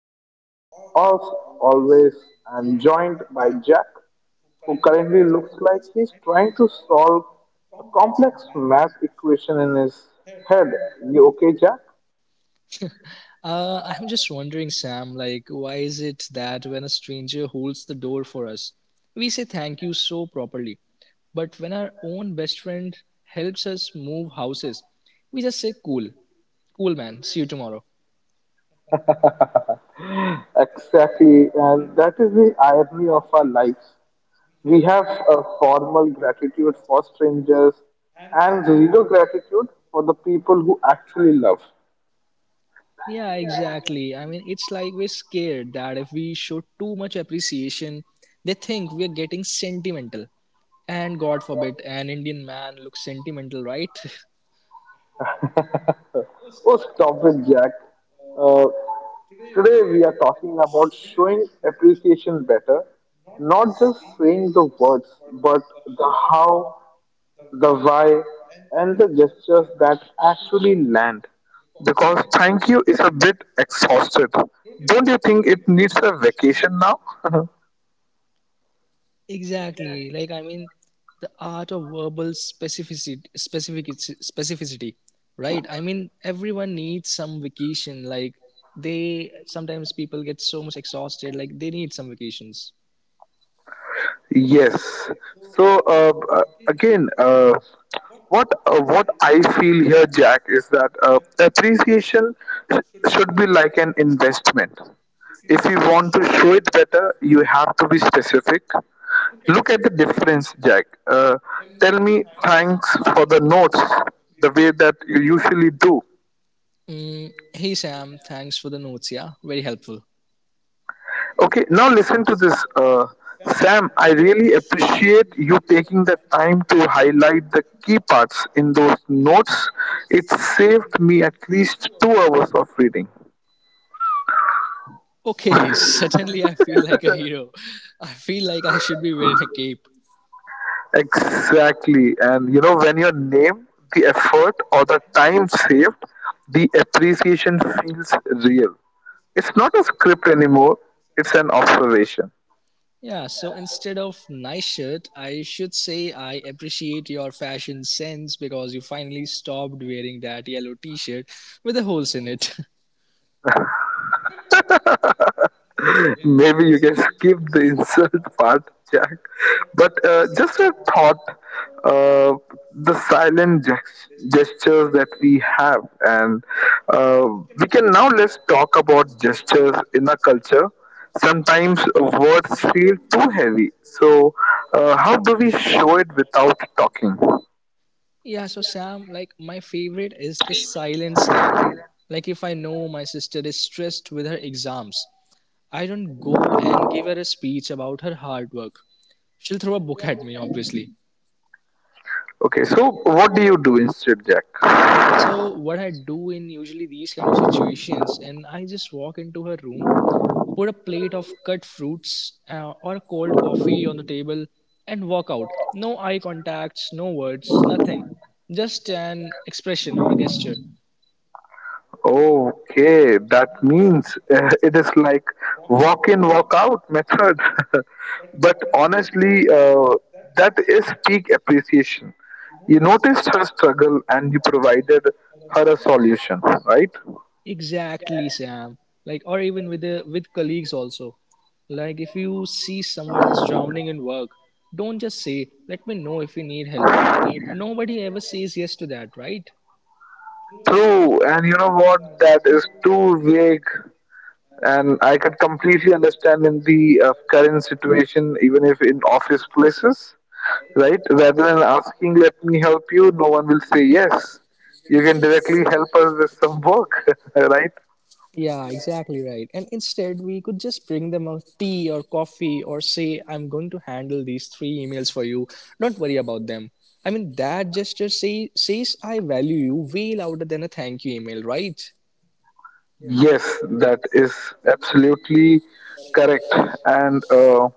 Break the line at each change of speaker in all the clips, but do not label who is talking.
and as always, I'm joined by Jack, who currently looks like he's trying to solve a complex math equation in his head. You okay, Jack?
I'm just wondering, Sam, like, why is it that when a stranger holds the door for us, we say thank you so properly? But when our own best friend helps us move houses, we just say cool. Cool, man. See you tomorrow.
Exactly, and that is the irony of our lives. We have a formal gratitude for strangers and zero gratitude for the people who actually love.
Yeah, exactly. I mean, it's like we're scared that if we show too much appreciation, they think we're getting sentimental. And God forbid, an Indian man looks sentimental, right?
Oh, stop it, Jack. Uh, Today we are talking about showing appreciation better, not just saying the words, but the how, the why, and the gestures that actually land. Because thank you is a bit exhausted. Don't you think it needs a vacation now?
Exactly. I mean, the art of verbal specificity, right? I mean, everyone needs some vacation. Like they sometimes people get so much exhausted. Like they need some vacations.
Yes. So again, what I feel here, Jack, is that appreciation sh- should be like an investment. If you want to show it better, you have to be specific. Look at the difference, Jack. Tell me thanks for the notes the way that you usually do.
Mm, hey Sam, thanks for the notes. Yeah, very helpful.
Okay, now listen to this. Sam, I really appreciate you taking the time to highlight the key parts in those notes. It saved me at least 2 hours of reading.
Okay, suddenly I feel like a hero. I feel like I should be wearing a cape.
Exactly. And you know, when your name, the effort, or the time saved, the appreciation feels real. It's not a script anymore, it's an observation.
Yeah, so instead of nice shirt, I should say I appreciate your fashion sense because you finally stopped wearing that yellow t shirt with the holes in it.
Maybe you can skip the insult part, Jack. But just a thought, uh, the silent gestures that we have, and uh, we can now, let's talk about gestures in our culture. Sometimes words feel too heavy. So, how do we show it without talking?
Yeah, so Sam, like my favorite is the silent snack. Like if I know my sister is stressed with her exams, I don't go and give her a speech about her hard work. She'll throw a book at me, obviously.
Okay, so what do you do instead, Jack?
So what I do in usually these kind of situations, and I just walk into her room, put a plate of cut fruits or a cold coffee on the table, and walk out. No eye contacts, no words, nothing. Just an expression or a gesture.
Okay, that means it is like walk in, walk out method. But honestly, that is peak appreciation. You noticed her struggle and you provided her a solution, right?
Exactly, Sam. Like, or even with with colleagues also. Like, if you see someone is drowning in work, don't just say, "Let me know if you need help." Nobody ever says yes to that, right?
True, and you know what? That is too vague, and I can completely understand in the current situation, even if in office places. Right? Rather than asking, let me help you, no one will say yes. You can directly help us with some work, right?
Yeah, exactly right. And instead, we could just bring them a tea or coffee or say, I'm going to handle these three emails for you. Don't worry about them. I mean, that gesture says, I value you way louder than a thank you email, right?
Yes, that is absolutely correct. And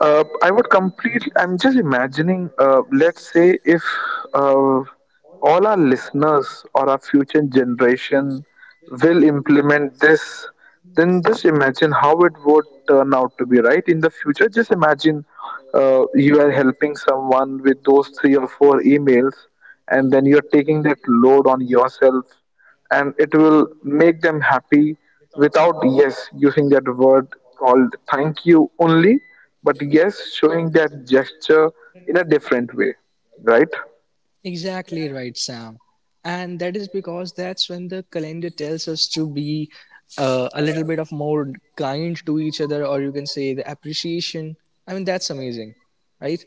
I would complete. I'm just imagining. Let's say if uh, all our listeners or our future generation will implement this, then just imagine how it would turn out to be. Right in the future, just imagine you are helping someone with those three or four emails, and then you're taking that load on yourself, and it will make them happy without, yes, using that word called thank you, only but yes showing that gesture in a different way, right?
Exactly right, Sam. And that is because that's when the calendar tells us to be a little bit of more kind to each other, or you can say the appreciation. I mean, that's amazing, right?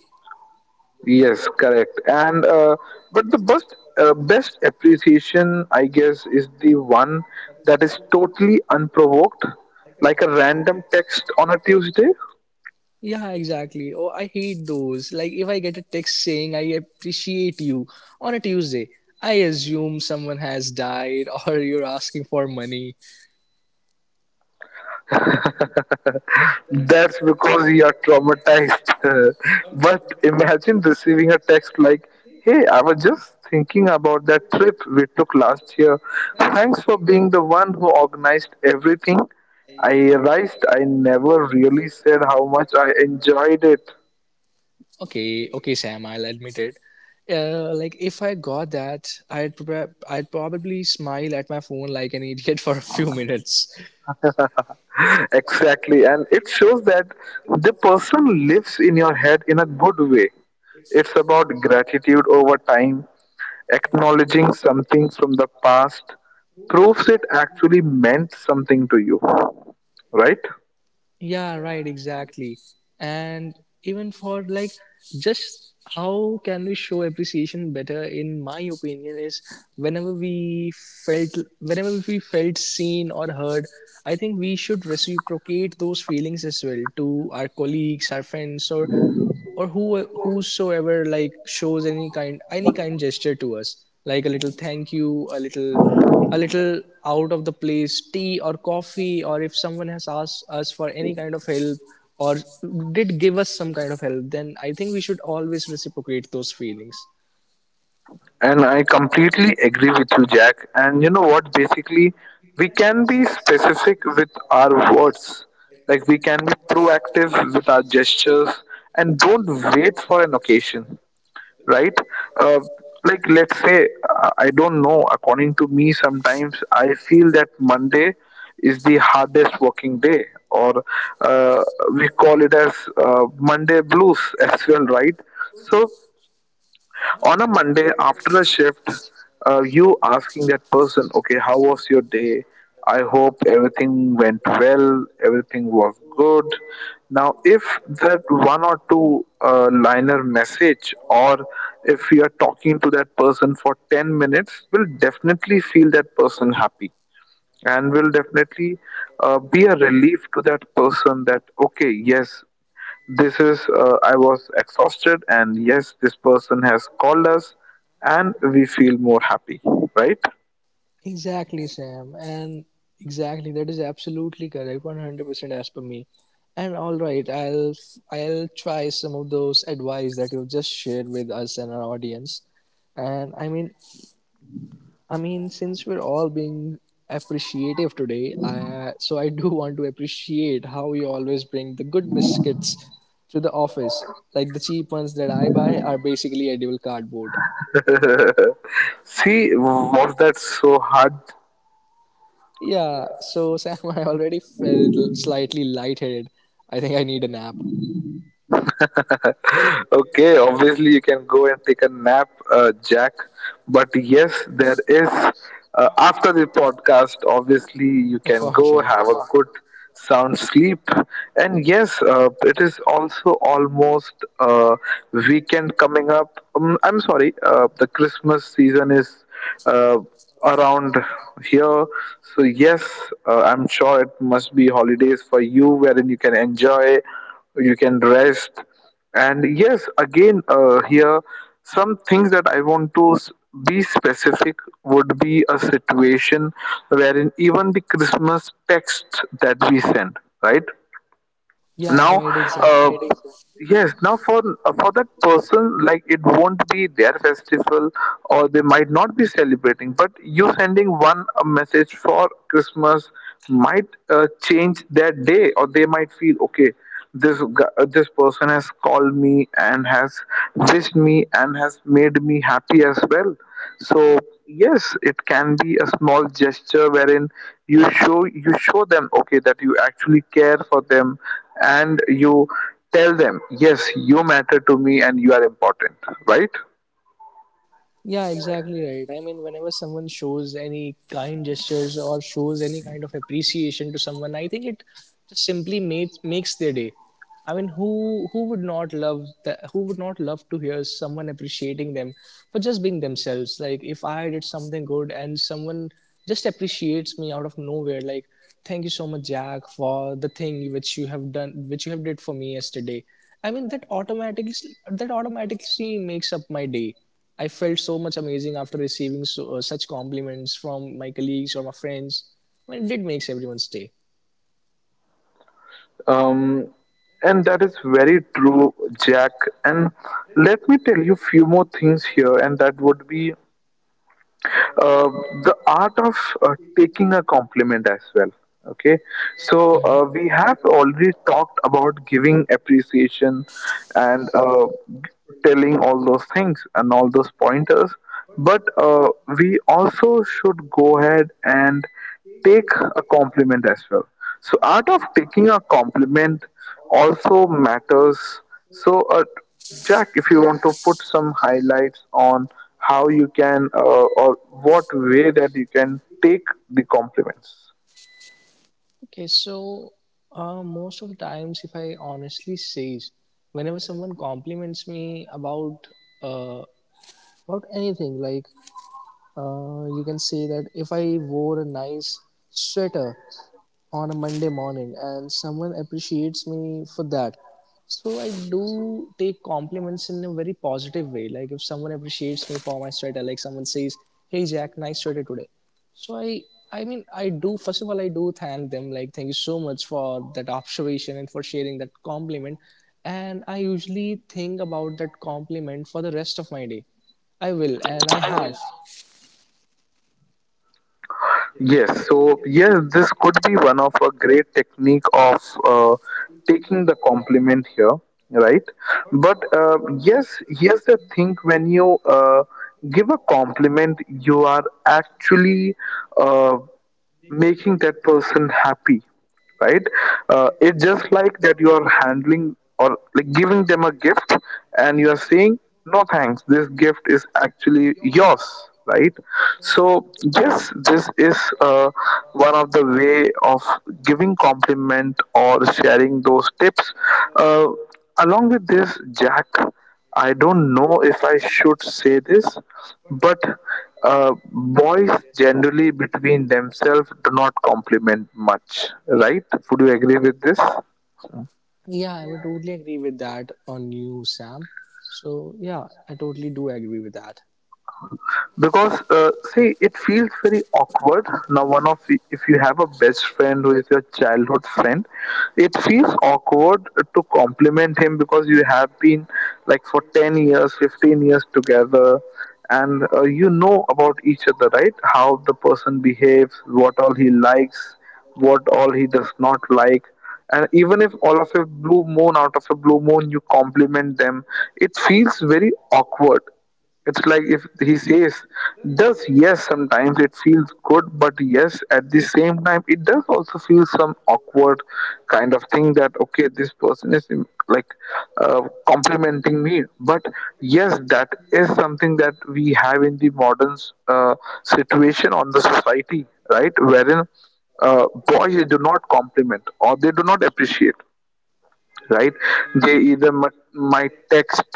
Yes, correct. And but the best best appreciation, I guess, is the one that is totally unprovoked, like a random text on a Tuesday.
Yeah, exactly. Oh, I hate those. Like, if I get a text saying I appreciate you on a Tuesday, I assume someone has died or you're asking for money.
That's because you are traumatized. But imagine receiving a text like, "Hey, I was just thinking about that trip we took last year. Thanks for being the one who organized everything. I realized I never really said how much I enjoyed it."
Okay, okay, Sam, I'll admit it. Like, if I got that, I'd probably smile at my phone like an idiot for a few minutes.
Exactly, and it shows that the person lives in your head in a good way. It's about gratitude over time, acknowledging something from the past, proves it actually meant something to you, right?
Yeah, right, exactly. And even for like just how can we show appreciation better in my opinion is whenever we whenever we felt seen or heard, I think we should reciprocate those feelings as well to our colleagues, our friends or who whosoever like shows any kind gesture to us like a little thank you a little out of the place tea or coffee, or if someone has asked us for any kind of help or did give us some kind of help, then I think we should always reciprocate those feelings.
And I completely agree with you, Jack. And you know what? Basically, we can be specific with our words, like we can be proactive with our gestures, and don't wait for an occasion. Right. uh, like, let's say, I don't know, according to me, sometimes I feel that Monday is the hardest working day, or uh, we call it as Monday blues as well, right? So on a Monday after a shift, you asking that person, okay, how was your day? I hope everything went well, everything was good. Now, if that one or two liner message, or if you are talking to that person for 10 minutes, will definitely feel that person happy and will definitely be a relief to that person that, okay, yes, this is, I was exhausted, and yes, this person has called us, and we feel more happy, right?
Exactly, Sam. And exactly, that is absolutely correct, 100% as per me. And all right, I'll try some of those advice that you've just shared with us and our audience. And I mean, since we're all being appreciative today, I, so I do want to appreciate how you always bring the good biscuits to the office. Like the cheap ones that I buy are basically edible cardboard.
See, was that so hard?
Yeah, so Sam, I already felt slightly lightheaded. I think I need a nap.
Okay, obviously you can go and take a nap, Jack. But yes, there is after the podcast. Obviously, you can
For
go
sure.
have a good sound sleep. And yes, it is also almost uh, weekend coming up. I'm sorry, the Christmas season is uh, around here. So yes, I'm sure it must be holidays for you, wherein you can enjoy, you can rest, and yes, again, here some things that I want to be specific would be a situation wherein even the Christmas text that we send, right?
Yeah,
Now,
right, exactly.
yes, now for that person, like, it won't be their festival or they might not be celebrating, but you sending one a message for Christmas might change their day, or they might feel, okay, this this person has called me and has wished me and has made me happy as well. So yes, it can be a small gesture wherein you show, you show them, okay, that you actually care for them, and you tell them, yes, you matter to me and you are important, right?
Yeah, exactly right. I mean, whenever someone shows any kind gestures or shows any kind of appreciation to someone, I think it just simply makes their day. I mean, who would not love that? Who would not love to hear someone appreciating them for just being themselves? Like, if I did something good and someone just appreciates me out of nowhere, like, thank you so much, Jack, for the thing which you have done, which you have did for me yesterday. I mean, that automatically makes up my day. I felt so much amazing after receiving so, such compliments from my colleagues or my friends. I mean, it did makes everyone's day.
Um, and that is very true, Jack. And let me tell you few more things here, and that would be uh, the art of taking a compliment as well. Okay, so
Mhm.
we have already talked about giving appreciation, and telling all those things and all those pointers, but we also should go ahead and take a compliment as well. So art of taking a compliment also matters. So uh, Jack, if you want to put some highlights on how you can, or what way that you can take the compliments.
Okay, so most of the times, if I honestly say, whenever someone compliments me uh, about anything, like you can say that if I wore a nice sweater, on a Monday morning and someone appreciates me for that. So I do take compliments in a very positive way. Like if someone appreciates me for my sweater, like someone says, Hey Jack, nice sweater today. So I mean I do first of all I do thank them, like thank you so much for that observation and for sharing that compliment. And I usually think about that compliment for the rest of my day. I will, and I have.
Yes, so yes, this could be one of a great technique of uh, taking the compliment here, right? But yes, here's the thing: when you give a compliment, you are actually uh, making that person happy, right? It's just like that you are handling or like giving them a gift, and you are saying, "No thanks, this gift is actually yours," right? So yes, this is one of the way of giving compliment or sharing those tips. uh, Along with this, Jack, I don't know if I should say this, but boys generally between themselves do not compliment much, right? Would you agree with this?
Yeah, I would totally agree with that on you, Sam. So, yeah, I totally do agree with that.
Because see, it feels very awkward. Now, one of if you have a best friend who is your childhood friend, it feels awkward to compliment him because you have been like for 10 years, 15 years together, and you know about each other, right? How the person behaves, what all he likes, what all he does not like. And even if all of a blue moon, out of a blue moon, you compliment them, it feels very awkward. It's like if he says, does, yes, sometimes it feels good, but yes, at the same time, it does also feel some awkward kind of thing that, okay, this person is, like, uh, complimenting me. But yes, that is something that we have in the modern uh, situation on the society, right? Wherein boys do not compliment or they do not appreciate, right? They either might text,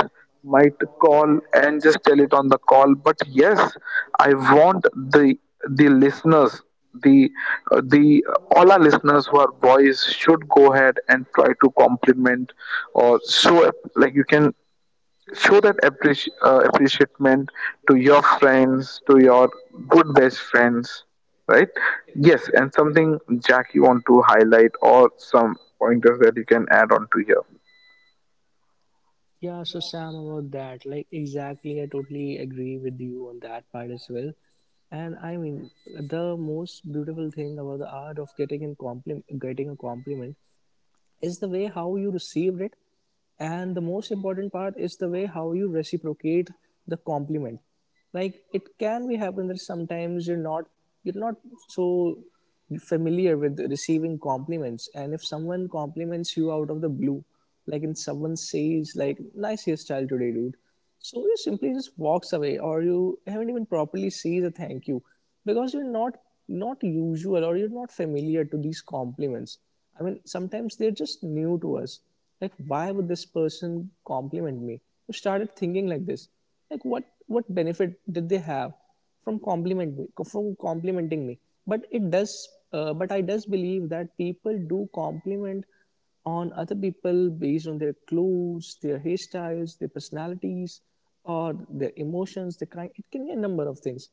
might call and just tell it on the call. But yes, I want the the listeners the the all our listeners who are boys should go ahead and try to compliment or show up, like you can show that appreciation to your friends, to your good best friends, right? Yes, and something, Jack, you want to highlight or some pointers that you can add on to here?
Yeah, so Sam, about that, like, exactly, I totally agree with you on that part as well. And I mean, the most beautiful thing about the art of getting a compliment, is the way how you received it, and the most important part is the way how you reciprocate the compliment. Like it can be happen that sometimes you're not so familiar with receiving compliments, and if someone compliments you out of the blue, like in someone says like nice hairstyle today dude, so you simply just walks away or you haven't even properly says a thank you because you're not usual or you're not familiar to these compliments. I mean, sometimes they're just new to us. Like, why would this person compliment me? You started thinking like this. Like, what benefit did they have from complimenting me? But it does. But I does believe that people do compliment on other people based on their clothes, their hairstyles, their personalities, or their emotions, the kind it can be a number of things.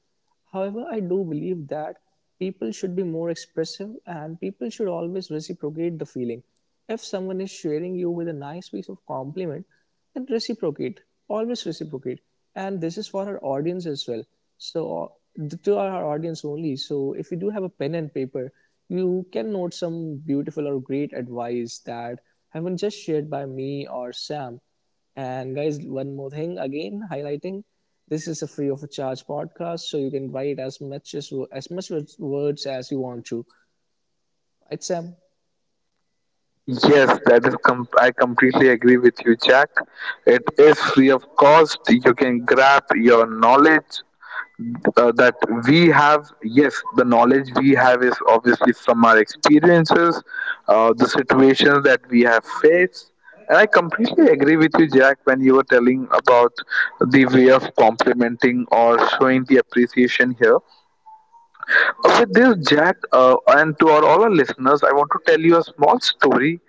However, I do believe that people should be more expressive and people should always reciprocate the feeling. If someone is sharing you with a nice piece of compliment, and reciprocate always reciprocate. And this is for our audience as well. So to our audience only, so if you do have a pen and paper, you can note some beautiful or great advice that have been just shared by me or Sam. And guys, one more thing, again highlighting, this is a free of a charge podcast, so you can write as much words as you want to, right Sam?
Yes, that is I completely agree with you, Jack. It is free of cost. You can grab your knowledge that we have. Yes, the knowledge we have is obviously from our experiences, the situations that we have faced. And I completely agree with you, Jack, when you were telling about the way of complimenting or showing the appreciation here. With this, Jack, and to our, all our listeners, I want to tell you a small story.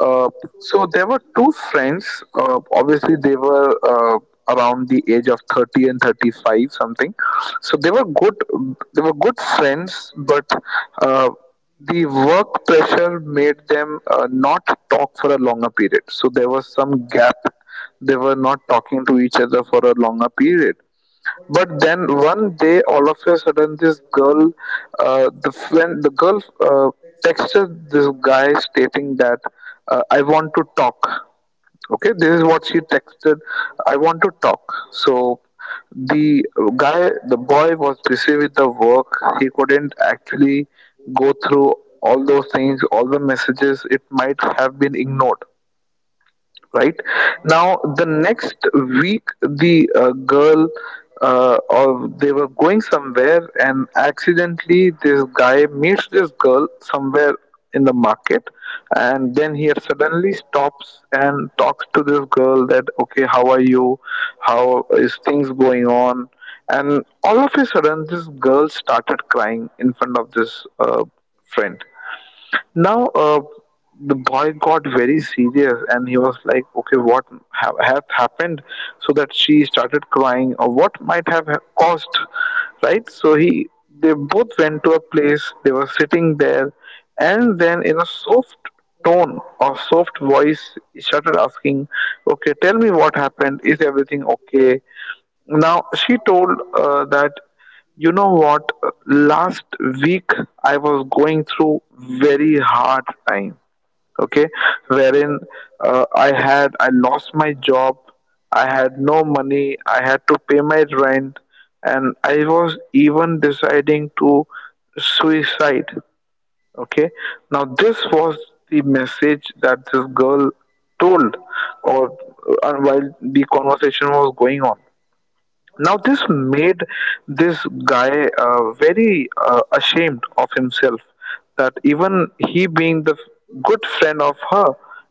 Uh, so there were two friends. Obviously, they were around the age of 30 and 35, something. So they were good. They were good friends, but uh, the work pressure made them not talk for a longer period. So there was some gap. They were not talking to each other for a longer period. But then one day, all of a sudden, this girl, the friend, the girl, texted this guy stating that I want to talk. Okay, this is what she texted. I want to talk. So the guy, the boy, was busy with the work. He couldn't actually go through all those things, all the messages. It might have been ignored right now. The next week, the girl or they were going somewhere and accidentally this guy meets this girl somewhere in the market. And then he suddenly stops and talks to this girl, that okay, how are you, how is things going on? And all of a sudden this girl started crying in front of this friend. Now, the boy got very serious and he was like, okay, what has happened? So that she started crying, or what might have caused, right? So they both went to a place, they were sitting there, and then in a soft tone or soft voice, he started asking, okay, tell me what happened, is everything okay? Now, she told that, you know what, last week I was going through very hard time, okay, wherein I lost my job, I had no money, I had to pay my rent, and I was even deciding to suicide, okay. Now, this was the message that this girl told or while the conversation was going on. Now, this made this guy very ashamed of himself, that even he being the good friend of her,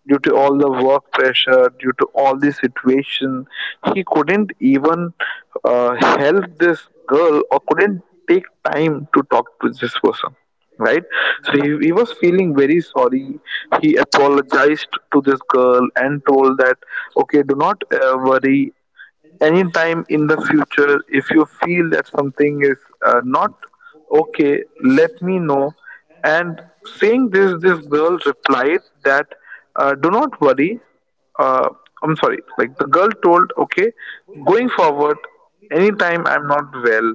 due to all the work pressure, due to all the situation, he couldn't even help this girl or couldn't take time to talk to this person, right? So he was feeling very sorry. He apologized to this girl and told that, okay, do not worry, anytime in the future if you feel that something is not okay, let me know. And saying this, this girl replied that do not worry uh, I'm sorry. Like the girl told, okay, going forward, anytime I'm not well,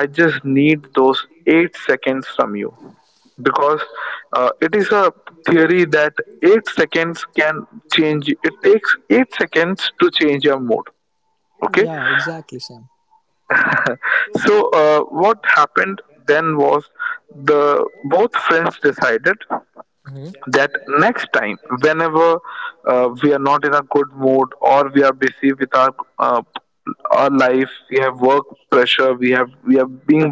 I just need those 8 seconds from you, because it is a theory that 8 seconds can change, it takes 8 seconds to change your mood, okay.
Yeah, exactly, Sam.
So what happened then was the both friends decided that next time whenever we are not in a good mood, or we are busy with uh, our life, we have work pressure, we are being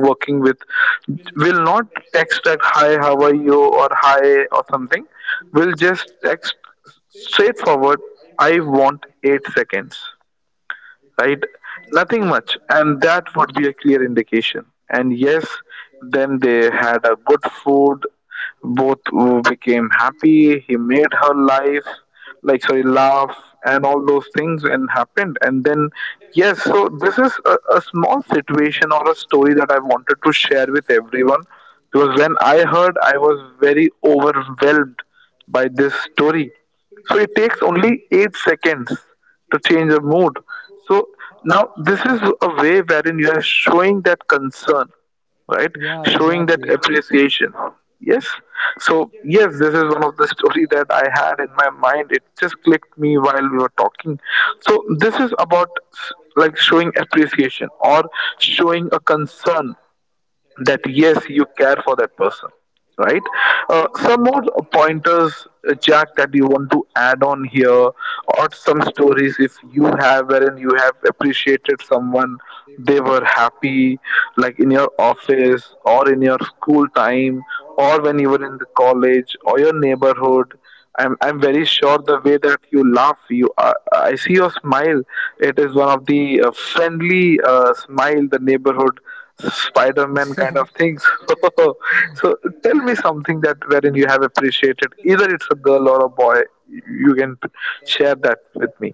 working with, will not text like, hi how are you, or hi, or something. Will just text straightforward, I want 8 seconds, right? Nothing much, and that would be a clear indication. And yes, then they had a good food. Both became happy. He made her life, like, sorry, laugh, and all those things and happened. And then yes, so this is a small situation or a story that I wanted to share with everyone, because when I heard, I was very overwhelmed by this story. So it takes only 8 seconds to change the mood. So now this is a way wherein you are showing that concern, right?
Yeah,
Showing that
exactly.
appreciation. Yes. So yes, this is one of the story that I had in my mind. It just clicked me while we were talking. So this is about like showing appreciation or showing a concern, that yes you care for that person, right? Some more pointers, Jack, that you want to add on here, or some stories if you have, wherein you have appreciated someone, they were happy, like in your office or in your school time, or when you were in the college or your neighborhood. I'm very sure, the way that you laugh, you I see your smile. It is one of the friendly smile, the neighborhood Spider-Man kind of things. So, so, tell me something that wherein you have appreciated. Either it's a girl or a boy. You can share that with me.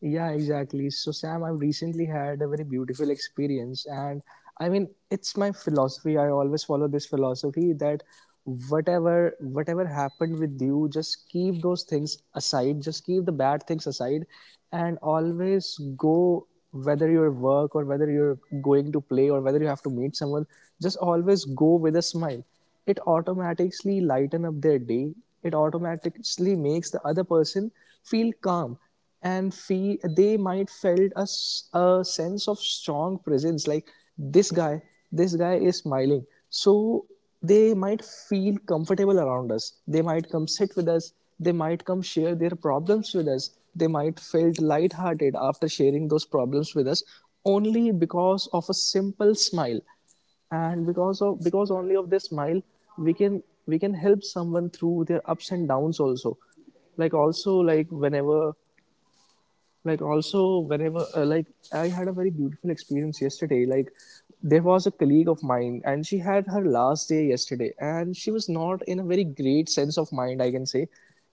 Yeah, exactly. So, Sam, I've recently had a very beautiful experience. And I mean, it's my philosophy. I always follow this philosophy that whatever happened with you, just keep those things aside, just keep the bad things aside, and always go, whether you're work or whether you're going to play or whether you have to meet someone, just always go with a smile. It automatically lighten up their day, it automatically makes the other person feel calm and feel they might felt a sense of strong presence, like this guy this guy is smiling, so they might feel comfortable around us, they might come sit with us, they might come share their problems with us, they might felt lighthearted after sharing those problems with us, only because of a simple smile. And because of because only of this smile, we can we can help someone through their ups and downs also. Like also like whenever like also whenever like I had a very beautiful experience yesterday. Like, there was a colleague of mine and she had her last day yesterday, and she was not in a very great sense of mind, I can say.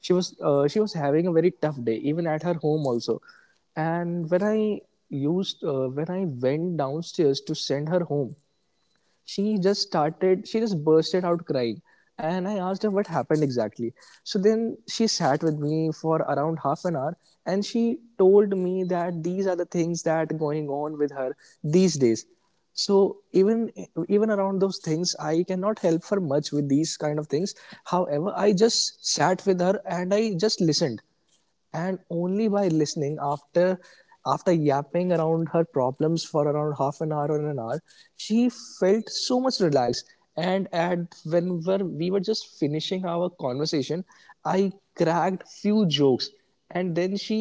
She was having a very tough day even at her home also. And when I went downstairs to send her home, she just bursted out crying, and I asked her what happened exactly. So then she sat with me for around half an hour, and she told me that these are the things that are going on with her these days. So even around those things, I cannot help her much with these kind of things. However, I just sat with her and I just listened. And only by listening, after yapping around her problems for around half an hour or an hour, she felt so much relaxed. And at we were just finishing our conversation, I cracked few jokes, and then she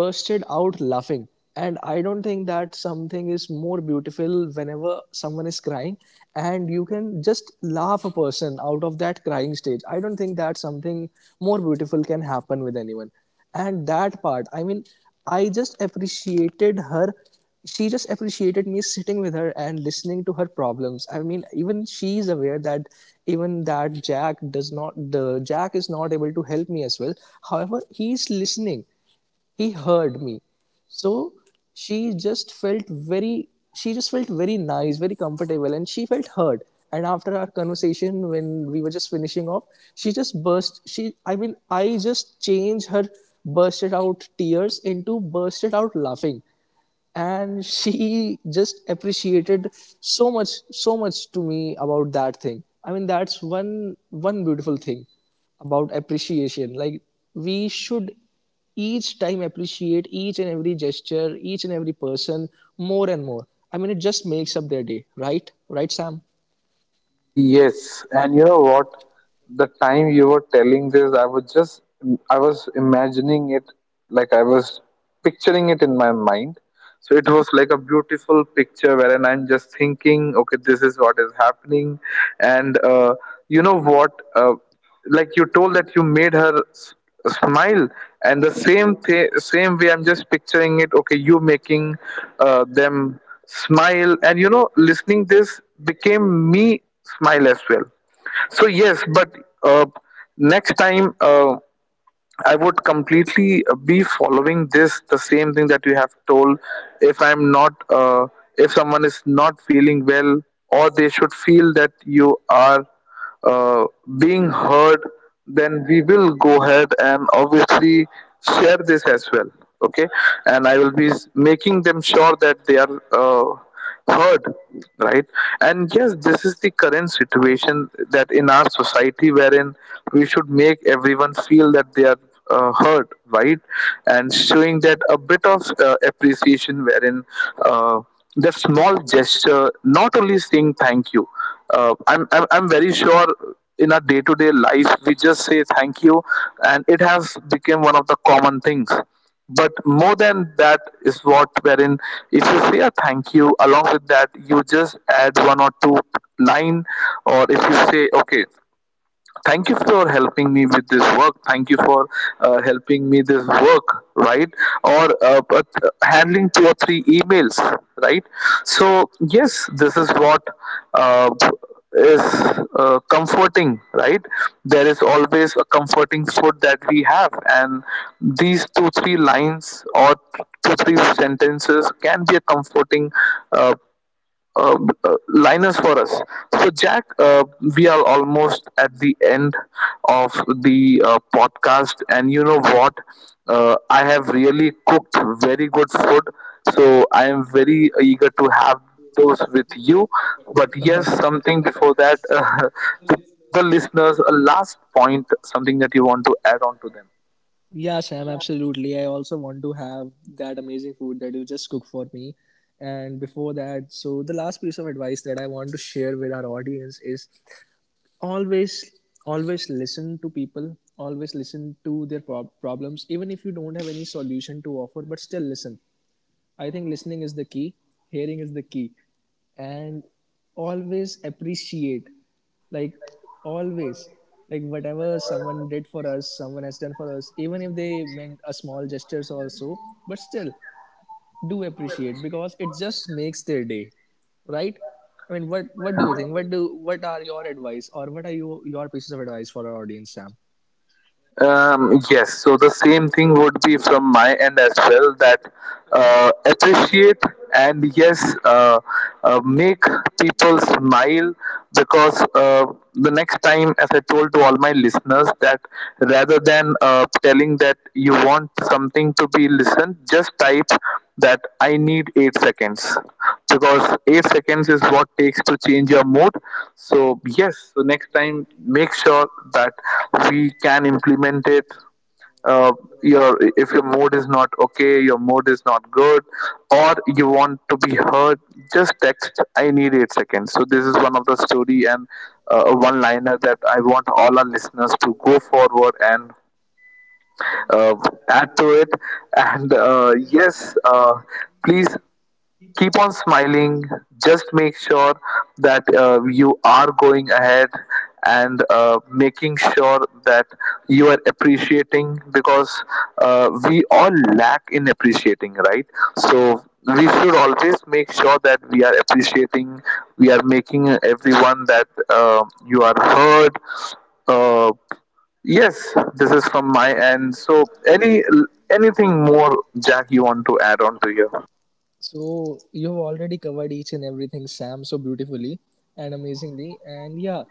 bursted out laughing. And I don't think that something is more beautiful whenever someone is crying and you can just laugh a person out of that crying stage. I don't think that something more beautiful can happen with anyone. And that part, I mean, I just appreciated her, she just appreciated me sitting with her and listening to her problems. I mean, even she is aware that even that jack does not the Jack is not able to help me as well, however he is listening, he heard me. So she just felt very she just felt very nice, very comfortable, and she felt heard. And after our conversation, when we were just finishing off, she just burst she I mean I just changed her bursted out tears into bursted out laughing. And she just appreciated so much to me about that thing. I mean, that's one beautiful thing about appreciation. Like, we should each time appreciate each and every gesture, each and every person, more and more. I mean, it just makes up their day, right Sam?
Yes, and you know what? The time you were telling this, I was imagining it, like I was picturing it in my mind. So it was like a beautiful picture wherein I'm just thinking, okay, this is what is happening. And you know what? Like you told that you made her smile, and the same way I'm just picturing it, okay, you making them smile, and you know, listening this became me smile as well. So yes, but uh, next time, I would completely be following this, the same thing that you have told. If I'm not, if someone is not feeling well, or they should feel that you are uh, being heard, then we will go ahead and obviously share this as well. Okay, and I will be making them sure that they are. Third, right? And yes, this is the current situation that in our society, wherein we should make everyone feel that they are heard, right? And showing that a bit of appreciation, wherein uh, the small gesture, not only saying thank you. I'm very sure in our day-to-day life we just say thank you, and it has become one of the common things. But more than that is what, wherein if you say a thank you, along with that you just add one or two line, or if you say, okay, thank you for helping me with this work, thank you for helping me this work, right? Or but handling two or three emails, right? So yes, this is what uh, is comforting, right? There is always a comforting food that we have, and these two three lines or two three sentences can be a comforting uh, uh, liners for us. So, Jack, we are almost at the end of the podcast, and you know what? I have really cooked very good food, so I am very eager to have those with you. But yes,
Oh
something before that, to the listeners, a last point, something that you want to add on to them.
yeah, Sam, absolutely. I also want to have that amazing food that you just cook for me. And before that, so the last piece of advice that I want to share with our audience is always, always listen to people, always listen to their problems, even if you don't have any solution to offer, but still listen. I think listening is the key, hearing is the key. And always appreciate. Like, always, like, whatever someone did for us, someone has done for us, even if they meant a small gestures also, but still do appreciate, because it just makes their day, right? I mean, what do you think? What are your advice, or what are you, your pieces of advice for our audience, Sam?
Yes, so the same thing would be from my end as well, that appreciate, and yes, make people smile. Because the next time, as I told to all my listeners, that rather than telling that you want something to be listened, just type that I need 8 seconds, because 8 seconds is what takes to change your mood. So yes, so next time, make sure that we can implement it. uh, your, if your mood is not okay, your mood is not good, or you want to be heard, just text, I need 8 seconds. So this is one of the story, and one liner that I want all our listeners to go forward and uh, add to it. And yes, uh, please keep on smiling. Just make sure that you are going ahead and making sure that you are appreciating, because we all lack in appreciating, right? So we should always make sure that we are appreciating, we are making everyone that you are heard. uh, yes, this is from my end. So any, anything more, Jack, you want to add on to here?
So you've already covered each and everything, Sam, so beautifully and amazingly, and yeah,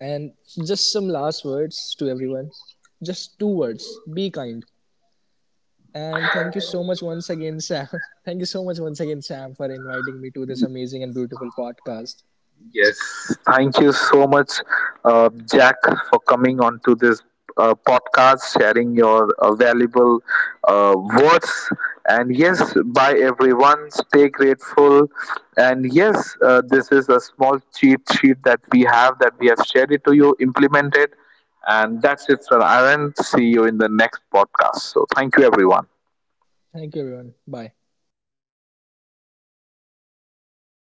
and just some last words to everyone. Just two words: be kind. And thank you so much once again, Sam. Thank you so much once again, Sam, for inviting me to this amazing and beautiful podcast.
Yes. Thank you so much, Jack, for coming on to this podcast, sharing your valuable uh, words. And yes, bye everyone. Stay grateful. And yes, this is a small cheat sheet that we have shared it to you, implement it. And that's it for Aaron. See you in the next podcast. So thank you, everyone.
Thank you, everyone. Bye.